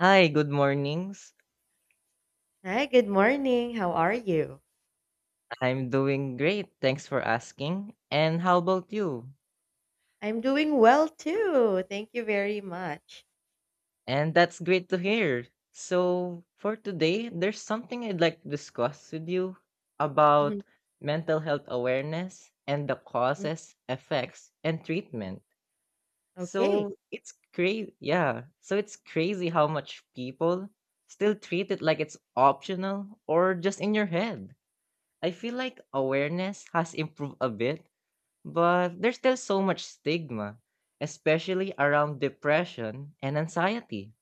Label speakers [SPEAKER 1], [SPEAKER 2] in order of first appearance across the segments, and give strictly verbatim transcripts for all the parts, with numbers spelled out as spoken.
[SPEAKER 1] Hi, good mornings.
[SPEAKER 2] Hi, good morning. How are you?
[SPEAKER 1] I'm doing great. Thanks for asking. And how about you?
[SPEAKER 2] I'm doing well too. Thank you very much.
[SPEAKER 1] And that's great to hear. So, for today, there's something I'd like to discuss with you about
[SPEAKER 2] Mhm.
[SPEAKER 1] mental health awareness and the
[SPEAKER 2] Mm,
[SPEAKER 1] causes, effects, and treatment.
[SPEAKER 2] Okay,
[SPEAKER 1] So, it's crazy. Yeah. So, it's crazy how much people still treat it like it's optional or just in your head. I feel like awareness has improved a bit, but there's still so much stigma, especially around depression and anxiety.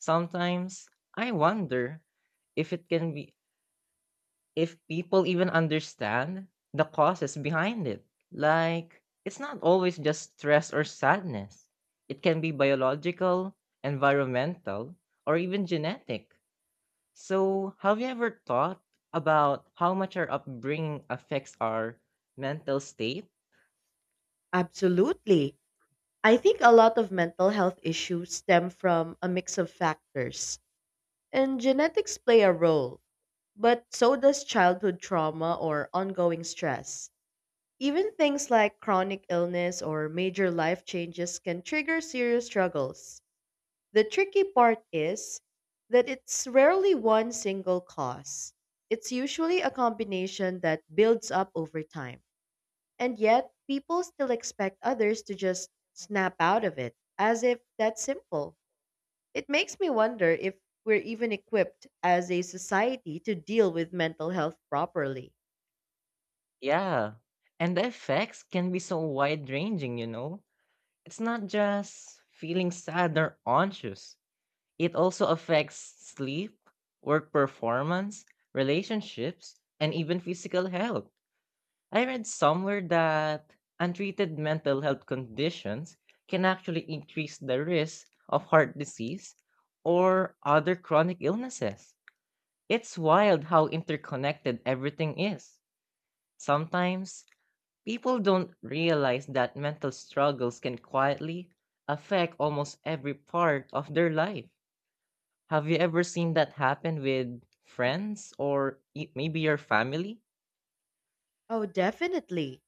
[SPEAKER 1] Sometimes I wonder if it can be if people even understand the causes behind it. Like, it's not always just stress or sadness. It can be biological, environmental, or even genetic. So, have you ever thought about how much our upbringing affects our mental state?
[SPEAKER 2] absolutely. I think a lot of mental health issues stem from a mix of factors, and genetics play a role, but so does childhood trauma or ongoing stress. Even things like chronic illness or major life changes can trigger serious struggles. The tricky part is that it's rarely one single cause. It's usually a combination that builds up over time. And yet, people still expect others to just snap out of it, as if that's simple. It makes me wonder if we're even equipped as a society to deal with mental health properly.
[SPEAKER 1] Yeah, and the effects can be so wide ranging, you know? It's not just feeling sad or anxious, it also affects sleep, work performance, relationships, and even physical health. I read somewhere that untreated mental health conditions can actually increase the risk of heart disease or other chronic illnesses. It's wild how interconnected everything is. Sometimes people don't realize that mental struggles can quietly affect almost every part of their life. Have you ever seen that happen with friends or e- maybe your family?
[SPEAKER 2] Oh, definitely.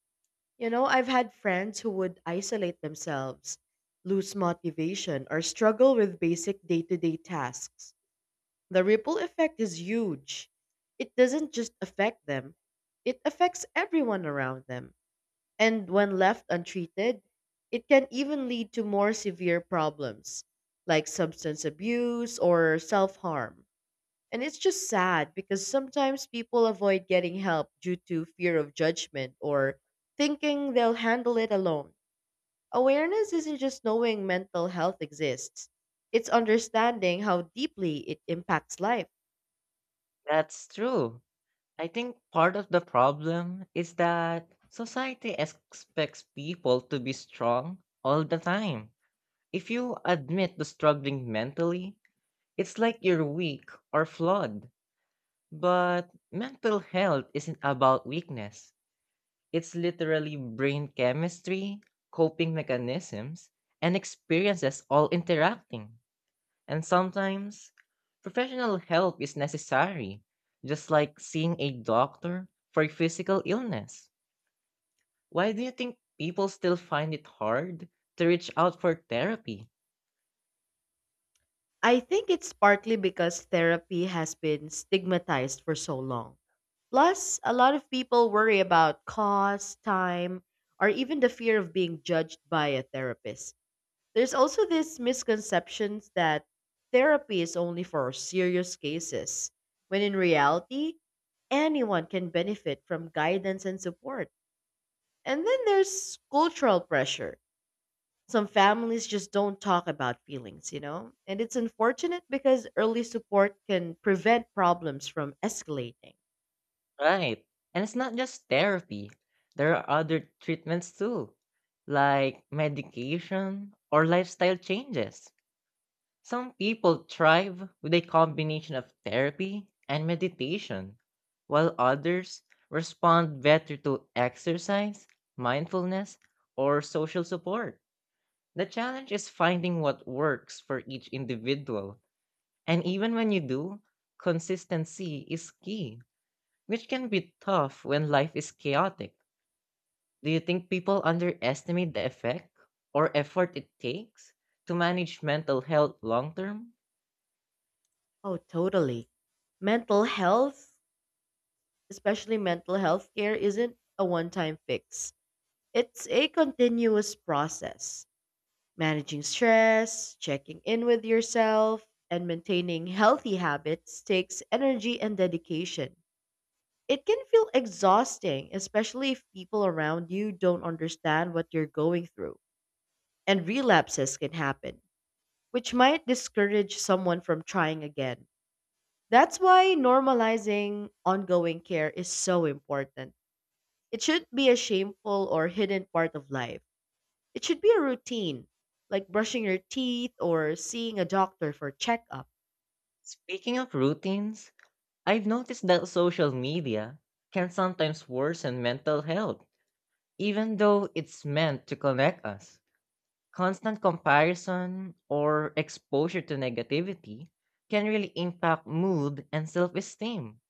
[SPEAKER 2] You know, I've had friends who would isolate themselves, lose motivation, or struggle with basic day to day tasks. The ripple effect is huge. It doesn't just affect them, it affects everyone around them. And when left untreated, it can even lead to more severe problems like substance abuse or self harm. And it's just sad because sometimes people avoid getting help due to fear of judgment or thinking they'll handle it alone. Awareness isn't just knowing mental health exists, it's understanding how deeply it impacts life.
[SPEAKER 1] That's true. I think part of the problem is that society expects people to be strong all the time. If you admit to struggling mentally, it's like you're weak or flawed. But mental health isn't about weakness. It's literally brain chemistry, coping mechanisms, and experiences all interacting. And sometimes, professional help is necessary, just like seeing a doctor for physical illness. Why do you think people still find it hard to reach out for therapy?
[SPEAKER 2] I think it's partly because therapy has been stigmatized for so long. Plus, a lot of people worry about cost, time, or even the fear of being judged by a therapist. There's also this misconception that therapy is only for serious cases, when in reality, anyone can benefit from guidance and support. And then there's cultural pressure some families just don't talk about feelings, you know? And it's unfortunate because early support can prevent problems from escalating.
[SPEAKER 1] Right. And it's not just therapy, there are other treatments too, like medication or lifestyle changes. Some people thrive with a combination of therapy and meditation, while others respond better to exercise, mindfulness, or social support. The challenge is finding what works for each individual, and even when you do, consistency is key, which can be tough when life is chaotic. Do you think people underestimate the effect or effort it takes to manage mental health long term?
[SPEAKER 2] Oh, totally. Mental health, especially mental health care, isn't a one time fix, it's a continuous process. Managing stress, checking in with yourself, and maintaining healthy habits takes energy and dedication. It can feel exhausting, especially if people around you don't understand what you're going through. And relapses can happen, which might discourage someone from trying again. That's why normalizing ongoing care is so important. It shouldn't be a shameful or hidden part of life. It should be a routine, like brushing your teeth or seeing a doctor for checkup.
[SPEAKER 1] Speaking of routines, I've noticed that social media can sometimes worsen mental health, even though it's meant to connect us. Constant comparison or exposure to negativity can really impact mood and self esteem.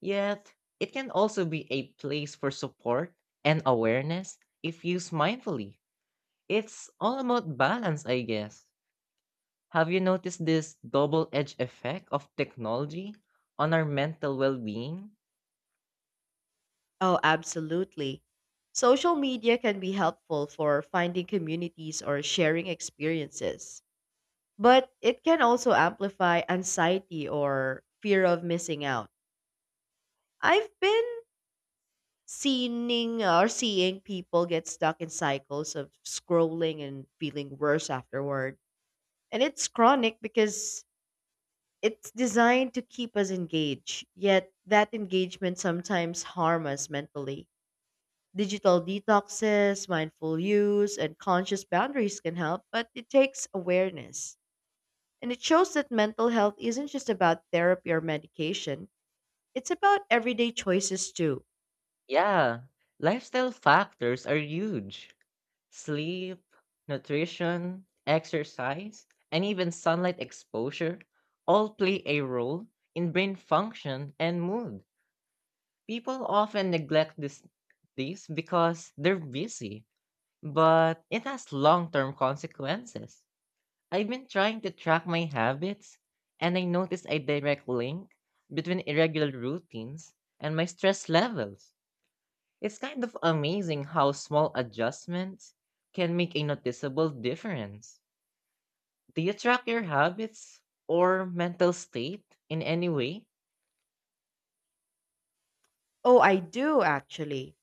[SPEAKER 1] Yet, it can also be a place for support and awareness if used mindfully. It's all about balance, I guess. Have you noticed this double edged effect of technology on our mental well being?
[SPEAKER 2] Oh, absolutely. Social media can be helpful for finding communities or sharing experiences, but it can also amplify anxiety or fear of missing out. I've been seeing or seeing people get stuck in cycles of scrolling and feeling worse afterward. And it's chronic because it's designed to keep us engaged, yet that engagement sometimes harm us mentally. Digital detoxes, mindful use, and conscious boundaries can help, but it takes awareness. And it shows that mental health isn't just about therapy or medication, it's about everyday choices too.
[SPEAKER 1] Yeah, lifestyle factors are huge: sleep, nutrition, exercise, and even sunlight exposure all play a role in brain function and mood. People often neglect this, these because they're busy, but it has long term consequences. I've been trying to track my habits, and I noticed a direct link between irregular routines and my stress levels. It's kind of amazing how small adjustments can make a noticeable difference. Do you track your habits or mental state in any way?
[SPEAKER 2] Oh, I do actually.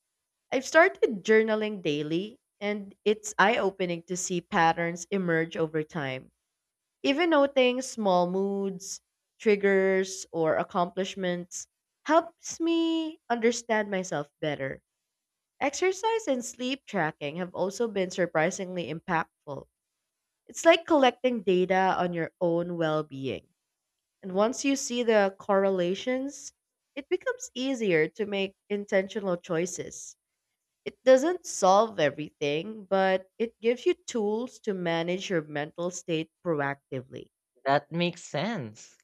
[SPEAKER 2] I've started journaling daily, and it's eye opening to see patterns emerge over time. Even noting small moods, triggers, or accomplishments helps me understand myself better. Exercise and sleep tracking have also been surprisingly impactful. It's like collecting data on your own well being. And once you see the correlations, it becomes easier to make intentional choices. It doesn't solve everything, but it gives you tools to manage your mental state proactively.
[SPEAKER 1] That makes sense.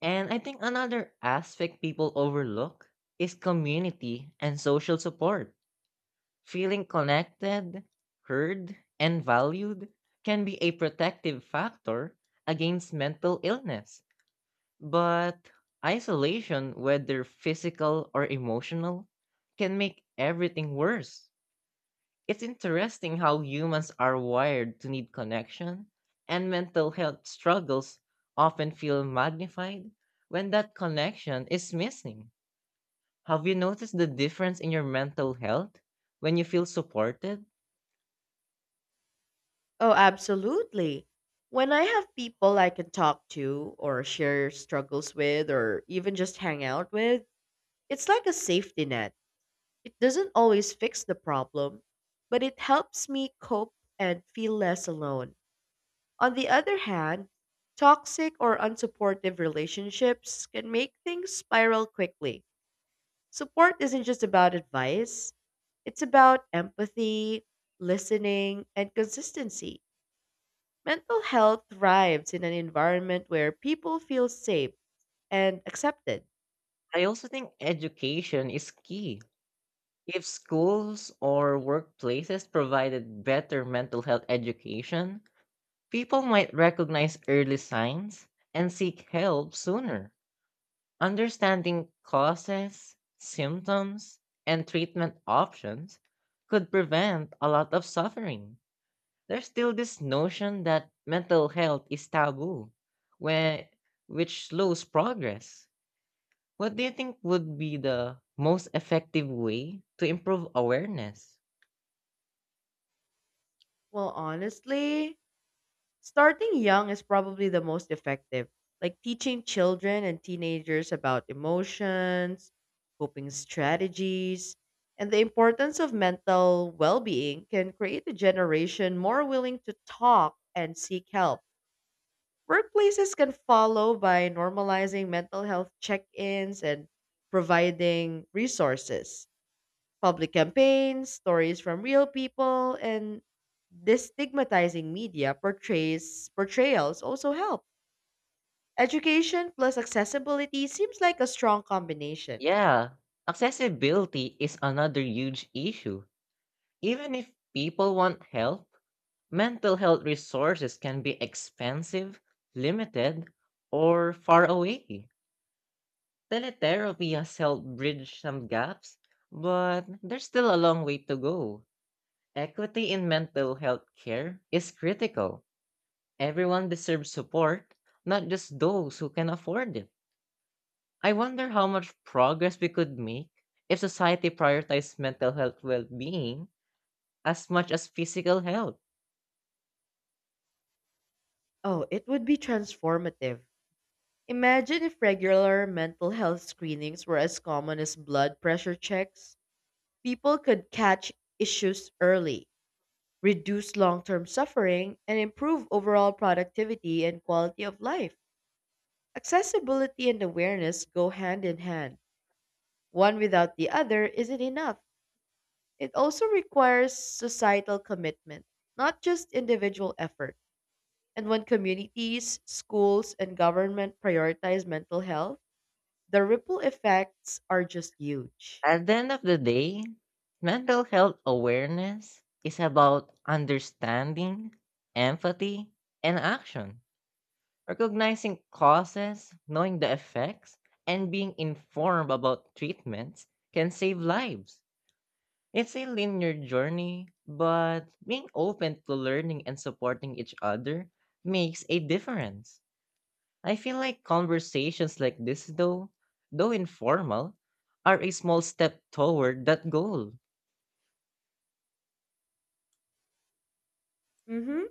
[SPEAKER 1] And I think another aspect people overlook is community and social support. Feeling connected, heard, and valued can be a protective factor against mental illness. But isolation, whether physical or emotional, can make everything worse. It's interesting how humans are wired to need connection, and mental health struggles often feel magnified when that connection is missing. Have you noticed the difference in your mental health when you feel supported?
[SPEAKER 2] Oh, absolutely. When I have people I can talk to, or share struggles with, or even just hang out with, it's like a safety net. It doesn't always fix the problem, but it helps me cope and feel less alone. On the other hand, toxic or unsupportive relationships can make things spiral quickly. Support isn't just about advice, it's about empathy, listening, and consistency. Mental health thrives in an environment where people feel safe and accepted.
[SPEAKER 1] I also think education is key. If schools or workplaces provided better mental health education, people might recognize early signs and seek help sooner. Understanding causes, symptoms, and treatment options could prevent a lot of suffering. There's still this notion that mental health is taboo, where, which slows progress. What do you think would be the most effective way to improve awareness?
[SPEAKER 2] Well, honestly, starting young is probably the most effective, like teaching children and teenagers about emotions, coping strategies, and the importance of mental well being can create a generation more willing to talk and seek help. Workplaces can follow by normalizing mental health check ins and providing resources public campaigns, stories from real people, and destigmatizing media portrays portrayals also help. Education plus accessibility seems like a strong combination.
[SPEAKER 1] Yeah, accessibility is another huge issue. Even if people want help, mental health resources can be expensive, limited, or far away. Teletherapy has helped bridge some gaps, but there's still a long way to go. Equity in mental health care is critical. Everyone deserves support, not just those who can afford it. I wonder how much progress we could make if society prioritized mental health well being as much as physical health.
[SPEAKER 2] Oh, it would be transformative. Imagine if regular mental health screenings were as common as blood pressure checks. People could catch issues early, reduce long term suffering, and improve overall productivity and quality of life. Accessibility and awareness go hand in hand. One without the other isn't enough. It also requires societal commitment, not just individual effort. And when communities, schools, and government prioritize mental health, the ripple effects are just huge.
[SPEAKER 1] At the end of the day, mental health awareness is about understanding, empathy, and action. Recognizing causes, knowing the effects, and being informed about treatments can save lives. It's a linear journey, but being open to learning and supporting each other makes a difference. I feel like conversations like this, though, though informal, are a small step toward that goal.
[SPEAKER 2] hmm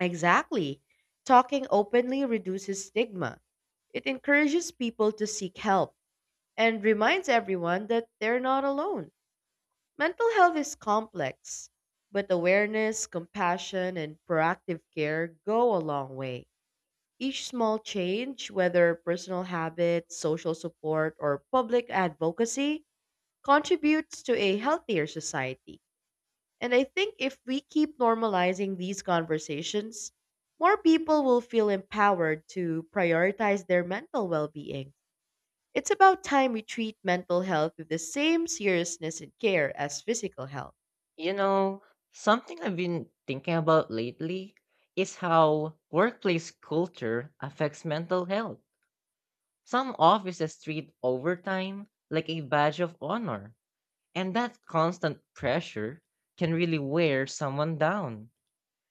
[SPEAKER 2] Exactly. Talking openly reduces stigma. It encourages people to seek help and reminds everyone that they're not alone. Mental health is complex, but awareness, compassion, and proactive care go a long way. Each small change, whether personal habits, social support, or public advocacy, contributes to a healthier society. And I think if we keep normalizing these conversations, more people will feel empowered to prioritize their mental well being. It's about time we treat mental health with the same seriousness and care as physical health.
[SPEAKER 1] You know, something I've been thinking about lately is how workplace culture affects mental health. Some offices treat overtime like a badge of honor, and that constant pressure can really wear someone down.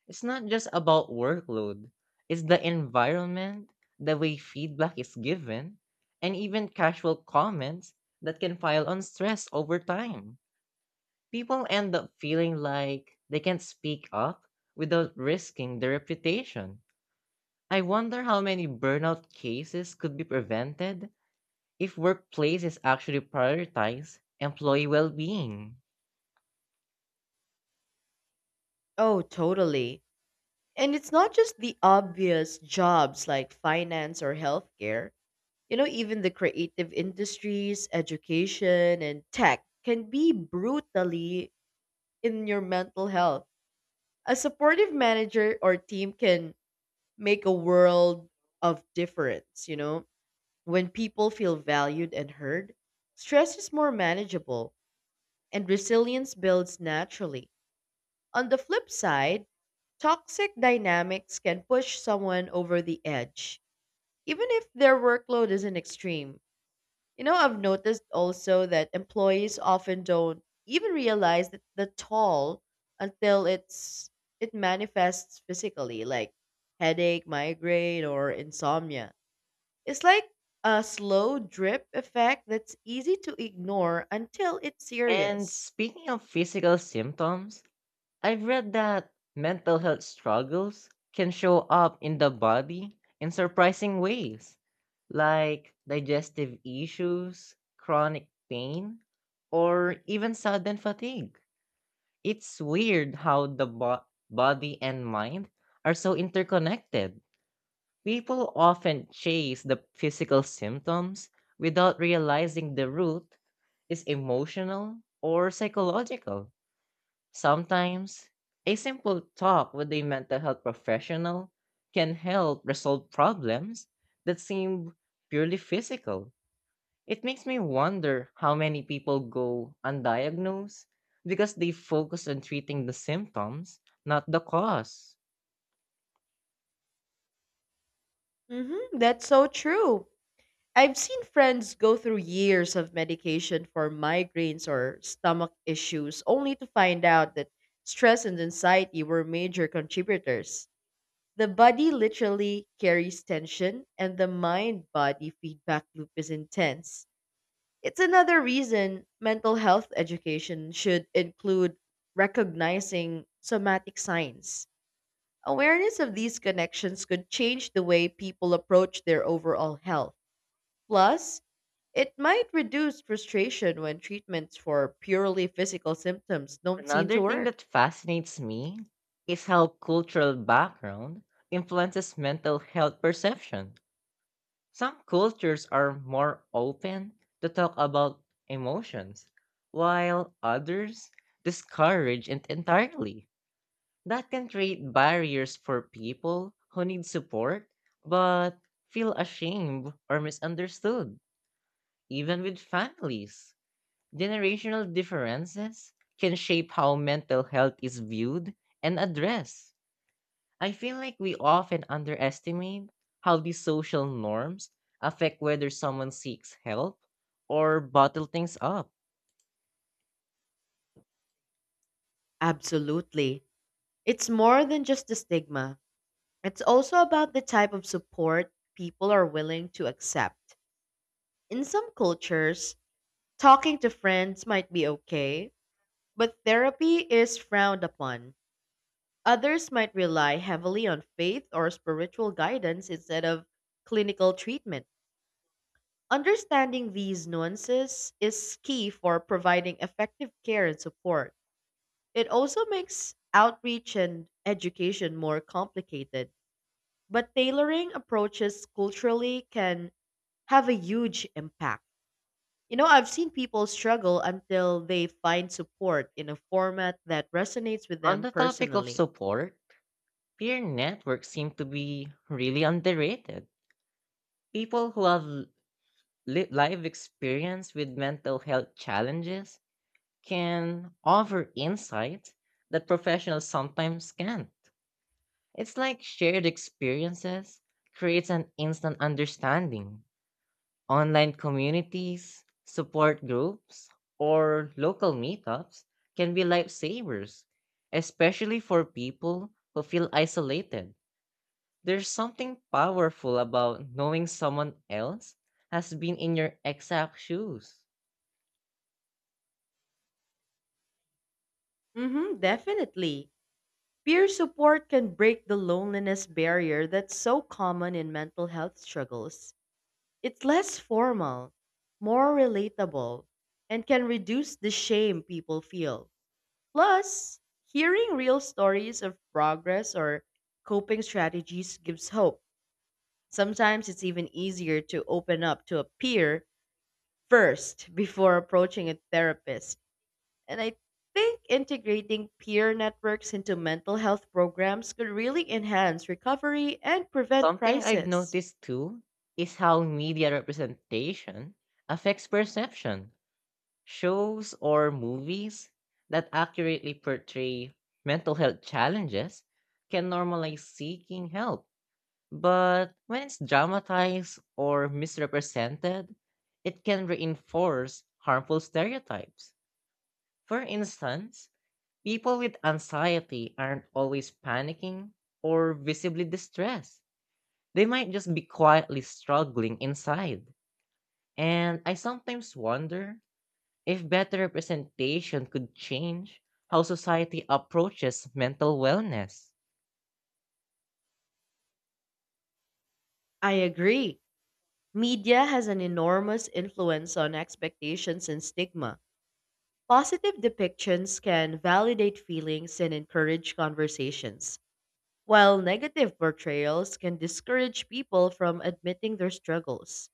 [SPEAKER 1] It's not just about workload, it's the environment, the way feedback is given, and even casual comments that can pile on stress over time. People end up feeling like they can't speak up without risking their reputation. I wonder how many burnout cases could be prevented if workplaces actually prioritize employee well being.
[SPEAKER 2] Oh, totally. And it's not just the obvious jobs like finance or healthcare. You know, even the creative industries, education, and tech can be brutally in your mental health. A supportive manager or team can make a world of difference, you know? When people feel valued and heard, stress is more manageable and resilience builds naturally. On the flip side, toxic dynamics can push someone over the edge, even if their workload isn't extreme. You know, I've noticed also that employees often don't even realize that the toll until it's it manifests physically, like headache, migraine, or insomnia. It's like a slow drip effect that's easy to ignore until it's
[SPEAKER 1] And
[SPEAKER 2] serious.
[SPEAKER 1] speaking of physical symptoms, I've read that mental health struggles can show up in the body in surprising ways, like digestive issues, chronic pain, or even sudden fatigue. It's weird how the bo- body and mind are so interconnected. People often chase the physical symptoms without realizing the root is emotional or psychological. Sometimes, a simple talk with a mental health professional can help resolve problems that seem purely physical. It makes me wonder how many people go undiagnosed because they focus on treating the symptoms, not the cause.
[SPEAKER 2] Mm-hmm, that's so true. I've seen friends go through years of medication for migraines or stomach issues only to find out that stress and anxiety were major contributors. The body literally carries tension, and the mind body feedback loop is intense. It's another reason mental health education should include recognizing somatic signs. Awareness of these connections could change the way people approach their overall health. Plus, it might reduce frustration when treatments for purely physical symptoms don't seem
[SPEAKER 1] Another
[SPEAKER 2] to
[SPEAKER 1] thing
[SPEAKER 2] work.
[SPEAKER 1] that fascinates me is how cultural background influences mental health perception. Some cultures are more open to talk about emotions, while others discourage it entirely. That can create barriers for people who need support but feel ashamed or misunderstood, even with families. Generational differences can shape how mental health is viewed and addressed. I feel like we often underestimate how these social norms affect whether someone seeks help or bottle things up.
[SPEAKER 2] Absolutely. It's more than just the stigma, it's also about the type of support people are willing to accept. In some cultures, talking to friends might be okay, but therapy is frowned upon. Others might rely heavily on faith or spiritual guidance instead of clinical treatment. Understanding these nuances is key for providing effective care and support. It also makes outreach and education more complicated, but tailoring approaches culturally can have a huge impact. You know, I've seen people struggle until they find support in a format that resonates with
[SPEAKER 1] On
[SPEAKER 2] them
[SPEAKER 1] the topic of
[SPEAKER 2] personally.
[SPEAKER 1] support, peer networks seem to be really underrated. People who have li- live experience with mental health challenges can offer insights that professionals sometimes can't. It's like shared experiences creates an instant understanding. Online communities, support groups, or local meetups can be lifesavers, especially for people who feel isolated. There's something powerful about knowing someone else has been in your exact shoes.
[SPEAKER 2] Mhm, definitely. Peer support can break the loneliness barrier that's so common in mental health struggles. It's less formal, more relatable, and can reduce the shame people feel. Plus, hearing real stories of progress or coping strategies gives hope. Sometimes it's even easier to open up to a peer first before approaching a therapist. And I think integrating peer networks into mental health programs could really enhance recovery and prevent
[SPEAKER 1] Something I've
[SPEAKER 2] crisis.
[SPEAKER 1] noticed too is how media representation affects perception. Shows or movies that accurately portray mental health challenges can normalize seeking help, but when it's dramatized or misrepresented, it can reinforce harmful stereotypes. For instance, people with anxiety aren't always panicking or visibly distressed. They might just be quietly struggling inside. And I sometimes wonder if better representation could change how society approaches mental wellness.
[SPEAKER 2] I agree. Media has an enormous influence on expectations and stigma. Positive depictions can validate feelings and encourage conversations, while negative portrayals can discourage people from admitting their struggles.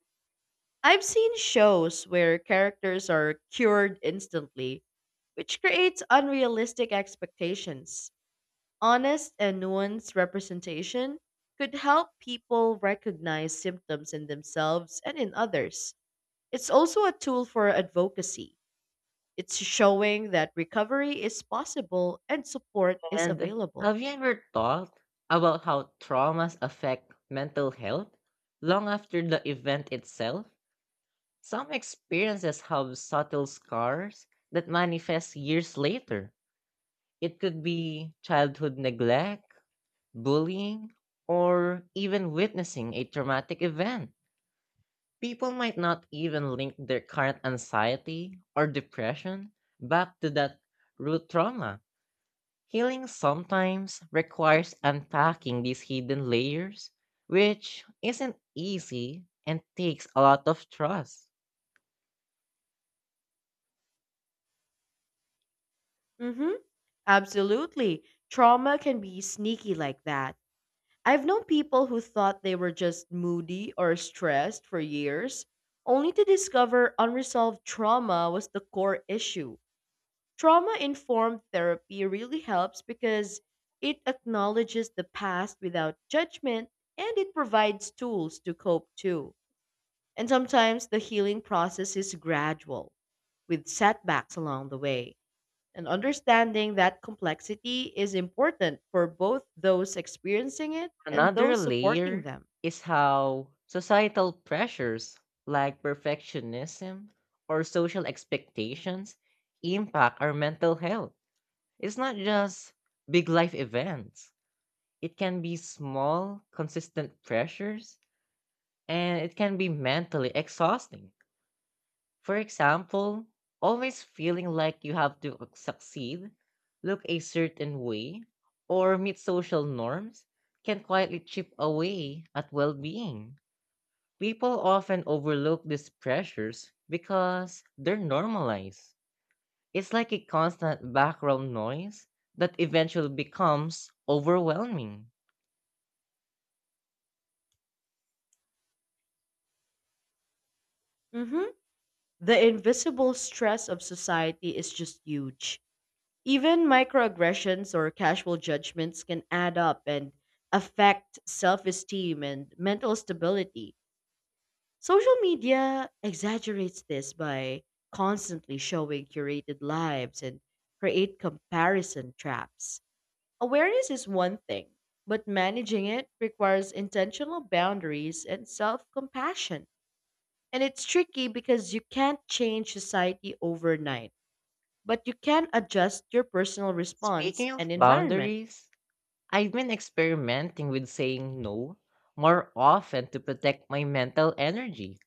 [SPEAKER 2] I've seen shows where characters are cured instantly, which creates unrealistic expectations. Honest and nuanced representation could help people recognize symptoms in themselves and in others. It's also a tool for advocacy. It's showing that recovery is possible and support is
[SPEAKER 1] And
[SPEAKER 2] available.
[SPEAKER 1] have you ever thought about how traumas affect mental health long after the event itself? Some experiences have subtle scars that manifest years later. It could be childhood neglect, bullying, or even witnessing a traumatic event. People might not even link their current anxiety or depression back to that root trauma. Healing sometimes requires unpacking these hidden layers, which isn't easy and takes a lot of trust.
[SPEAKER 2] hmm Absolutely. Trauma can be sneaky like that. I've known people who thought they were just moody or stressed for years, only to discover unresolved trauma was the core issue. Trauma informed therapy really helps because it acknowledges the past without judgment and it provides tools to cope too. And sometimes the healing process is gradual, with setbacks along the way. And understanding that complexity is important for both those experiencing it and
[SPEAKER 1] Another
[SPEAKER 2] those supporting
[SPEAKER 1] layer
[SPEAKER 2] them.
[SPEAKER 1] is how societal pressures like perfectionism or social expectations impact our mental health. It's not just big life events. It can be small, consistent pressures, and it can be mentally exhausting. For example, always feeling like you have to succeed, look a certain way, or meet social norms can quietly chip away at well being. People often overlook these pressures because they're normalized. It's like a constant background noise that eventually becomes overwhelming.
[SPEAKER 2] Mhm. The invisible stress of society is just huge. Even microaggressions or casual judgments can add up and affect self esteem and mental stability. Social media exaggerates this by constantly showing curated lives and create comparison traps. Awareness is one thing, but managing it requires intentional boundaries and self-compassion. And it's tricky because you can't change society overnight, but you can adjust your personal response
[SPEAKER 1] Speaking of
[SPEAKER 2] and environment.
[SPEAKER 1] boundaries, I've been experimenting with saying no more often to protect my mental energy.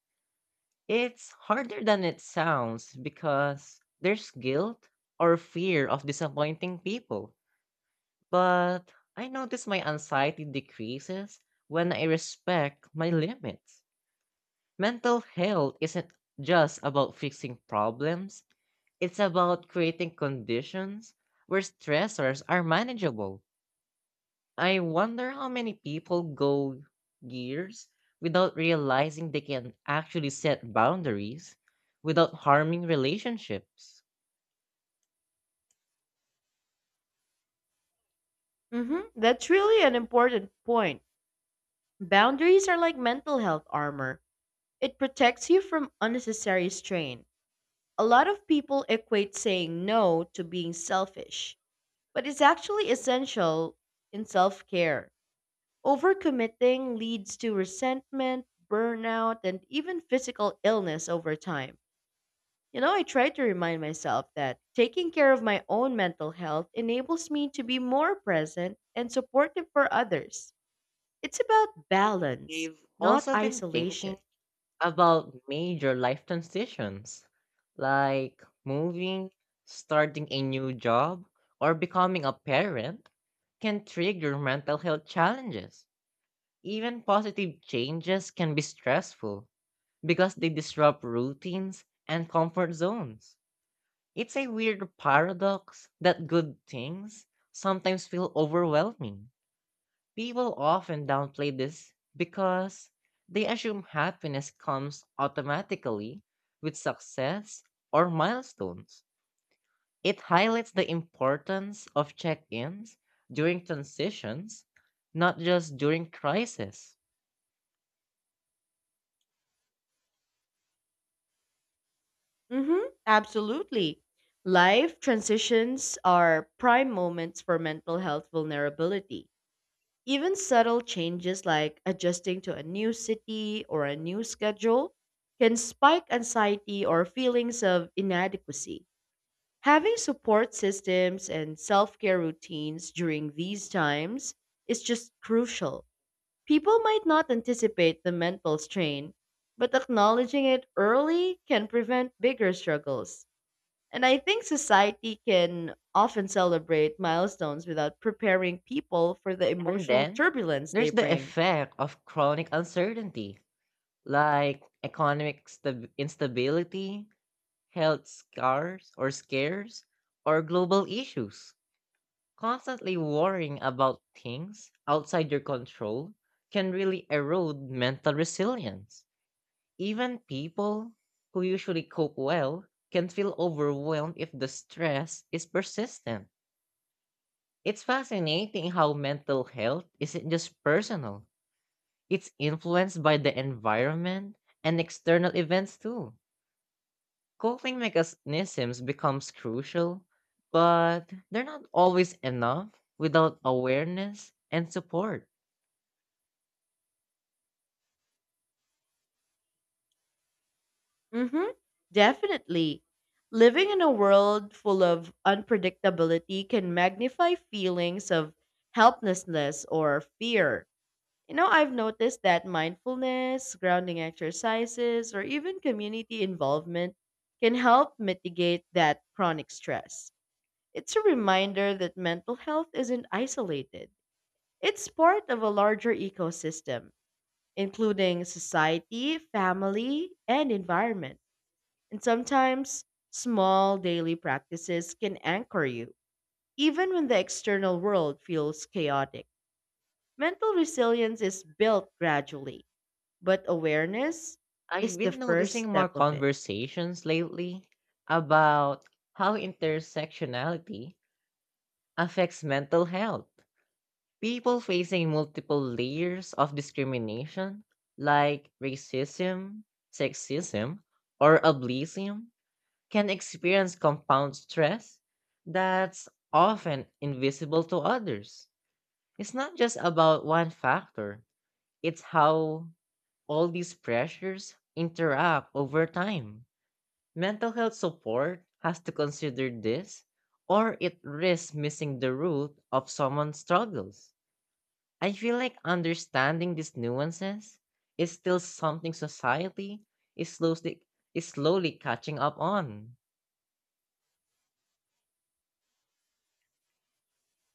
[SPEAKER 1] It's harder than it sounds because there's guilt or fear of disappointing people. But I notice my anxiety decreases when I respect my limits. Mental health isn't just about fixing problems, it's about creating conditions where stressors are manageable. I wonder how many people go years without realizing they can actually set boundaries without harming relationships.
[SPEAKER 2] Mhm, that's really an important point. Boundaries are like mental health armor. It protects you from unnecessary strain. A lot of people equate saying no to being selfish, but it's actually essential in self care. Overcommitting leads to resentment, burnout, and even physical illness over time. You know, I try to remind myself that taking care of my own mental health enables me to be more present and supportive for others. It's about balance,
[SPEAKER 1] We've
[SPEAKER 2] not
[SPEAKER 1] also been
[SPEAKER 2] isolation.
[SPEAKER 1] thinking about major life transitions like moving, starting a new job, or becoming a parent can trigger mental health challenges. Even positive changes can be stressful because they disrupt routines and comfort zones. It's a weird paradox that good things sometimes feel overwhelming. People often downplay this because they assume happiness comes automatically with success or milestones. It highlights the importance of check ins during transitions, not just during crisis.
[SPEAKER 2] Mm-hmm, absolutely. Life transitions are prime moments for mental health vulnerability. Even subtle changes like adjusting to a new city or a new schedule can spike anxiety or feelings of inadequacy. Having support systems and self care routines during these times is just crucial. People might not anticipate the mental strain, but acknowledging it early can prevent bigger struggles. And I think society can often celebrate milestones without preparing people for the
[SPEAKER 1] And
[SPEAKER 2] emotional
[SPEAKER 1] then
[SPEAKER 2] turbulence they
[SPEAKER 1] there's the
[SPEAKER 2] bring.
[SPEAKER 1] effect of chronic uncertainty, like economic stab- instability, health scars or scares, or global issues. Constantly worrying about things outside your control can really erode mental resilience. Even people who usually cope well can feel overwhelmed if the stress is persistent. It's fascinating how mental health isn't just personal, it's influenced by the environment and external events too. Coping mechanisms becomes crucial, but they're not always enough without awareness and support.
[SPEAKER 2] hmm Definitely. Living in a world full of unpredictability can magnify feelings of helplessness or fear. You know, I've noticed that mindfulness, grounding exercises, or even community involvement can help mitigate that chronic stress. It's a reminder that mental health isn't isolated. It's part of a larger ecosystem, including society, family, and environment. And sometimes small daily practices can anchor you, even when the external world feels chaotic. Mental resilience is built gradually, but awareness is
[SPEAKER 1] I've
[SPEAKER 2] the
[SPEAKER 1] been
[SPEAKER 2] first
[SPEAKER 1] noticing more
[SPEAKER 2] step of it.
[SPEAKER 1] conversations lately about how intersectionality affects mental health. People facing multiple layers of discrimination, like racism, sexism, or ableism, can experience compound stress that's often invisible to others. It's not just about one factor, it's how all these pressures interact over time. Mental health support has to consider this, or it risks missing the root of someone's struggles. I feel like understanding these nuances is still something society is slowly, is slowly catching up on.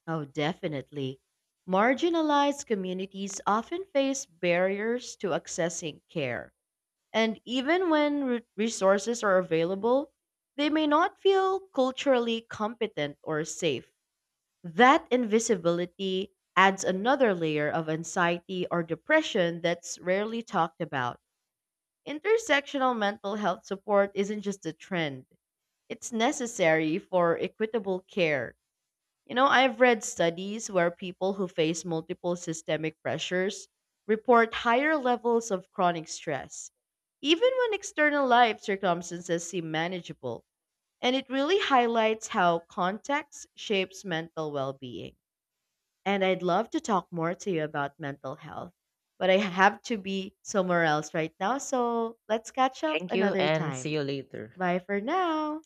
[SPEAKER 2] Oh, definitely. Marginalized communities often face barriers to accessing care. And even when re- resources are available, they may not feel culturally competent or safe. That invisibility adds another layer of anxiety or depression that's rarely talked about. Intersectional mental health support isn't just a trend, it's necessary for equitable care. You know, I've read studies where people who face multiple systemic pressures report higher levels of chronic stress, even when external life circumstances seem manageable. And it really highlights how context shapes mental well being. And I'd love to talk more to you about mental health, but I have to be somewhere else right now. So let's catch up
[SPEAKER 1] Thank you
[SPEAKER 2] another
[SPEAKER 1] and see
[SPEAKER 2] time.
[SPEAKER 1] you later.
[SPEAKER 2] Bye for now.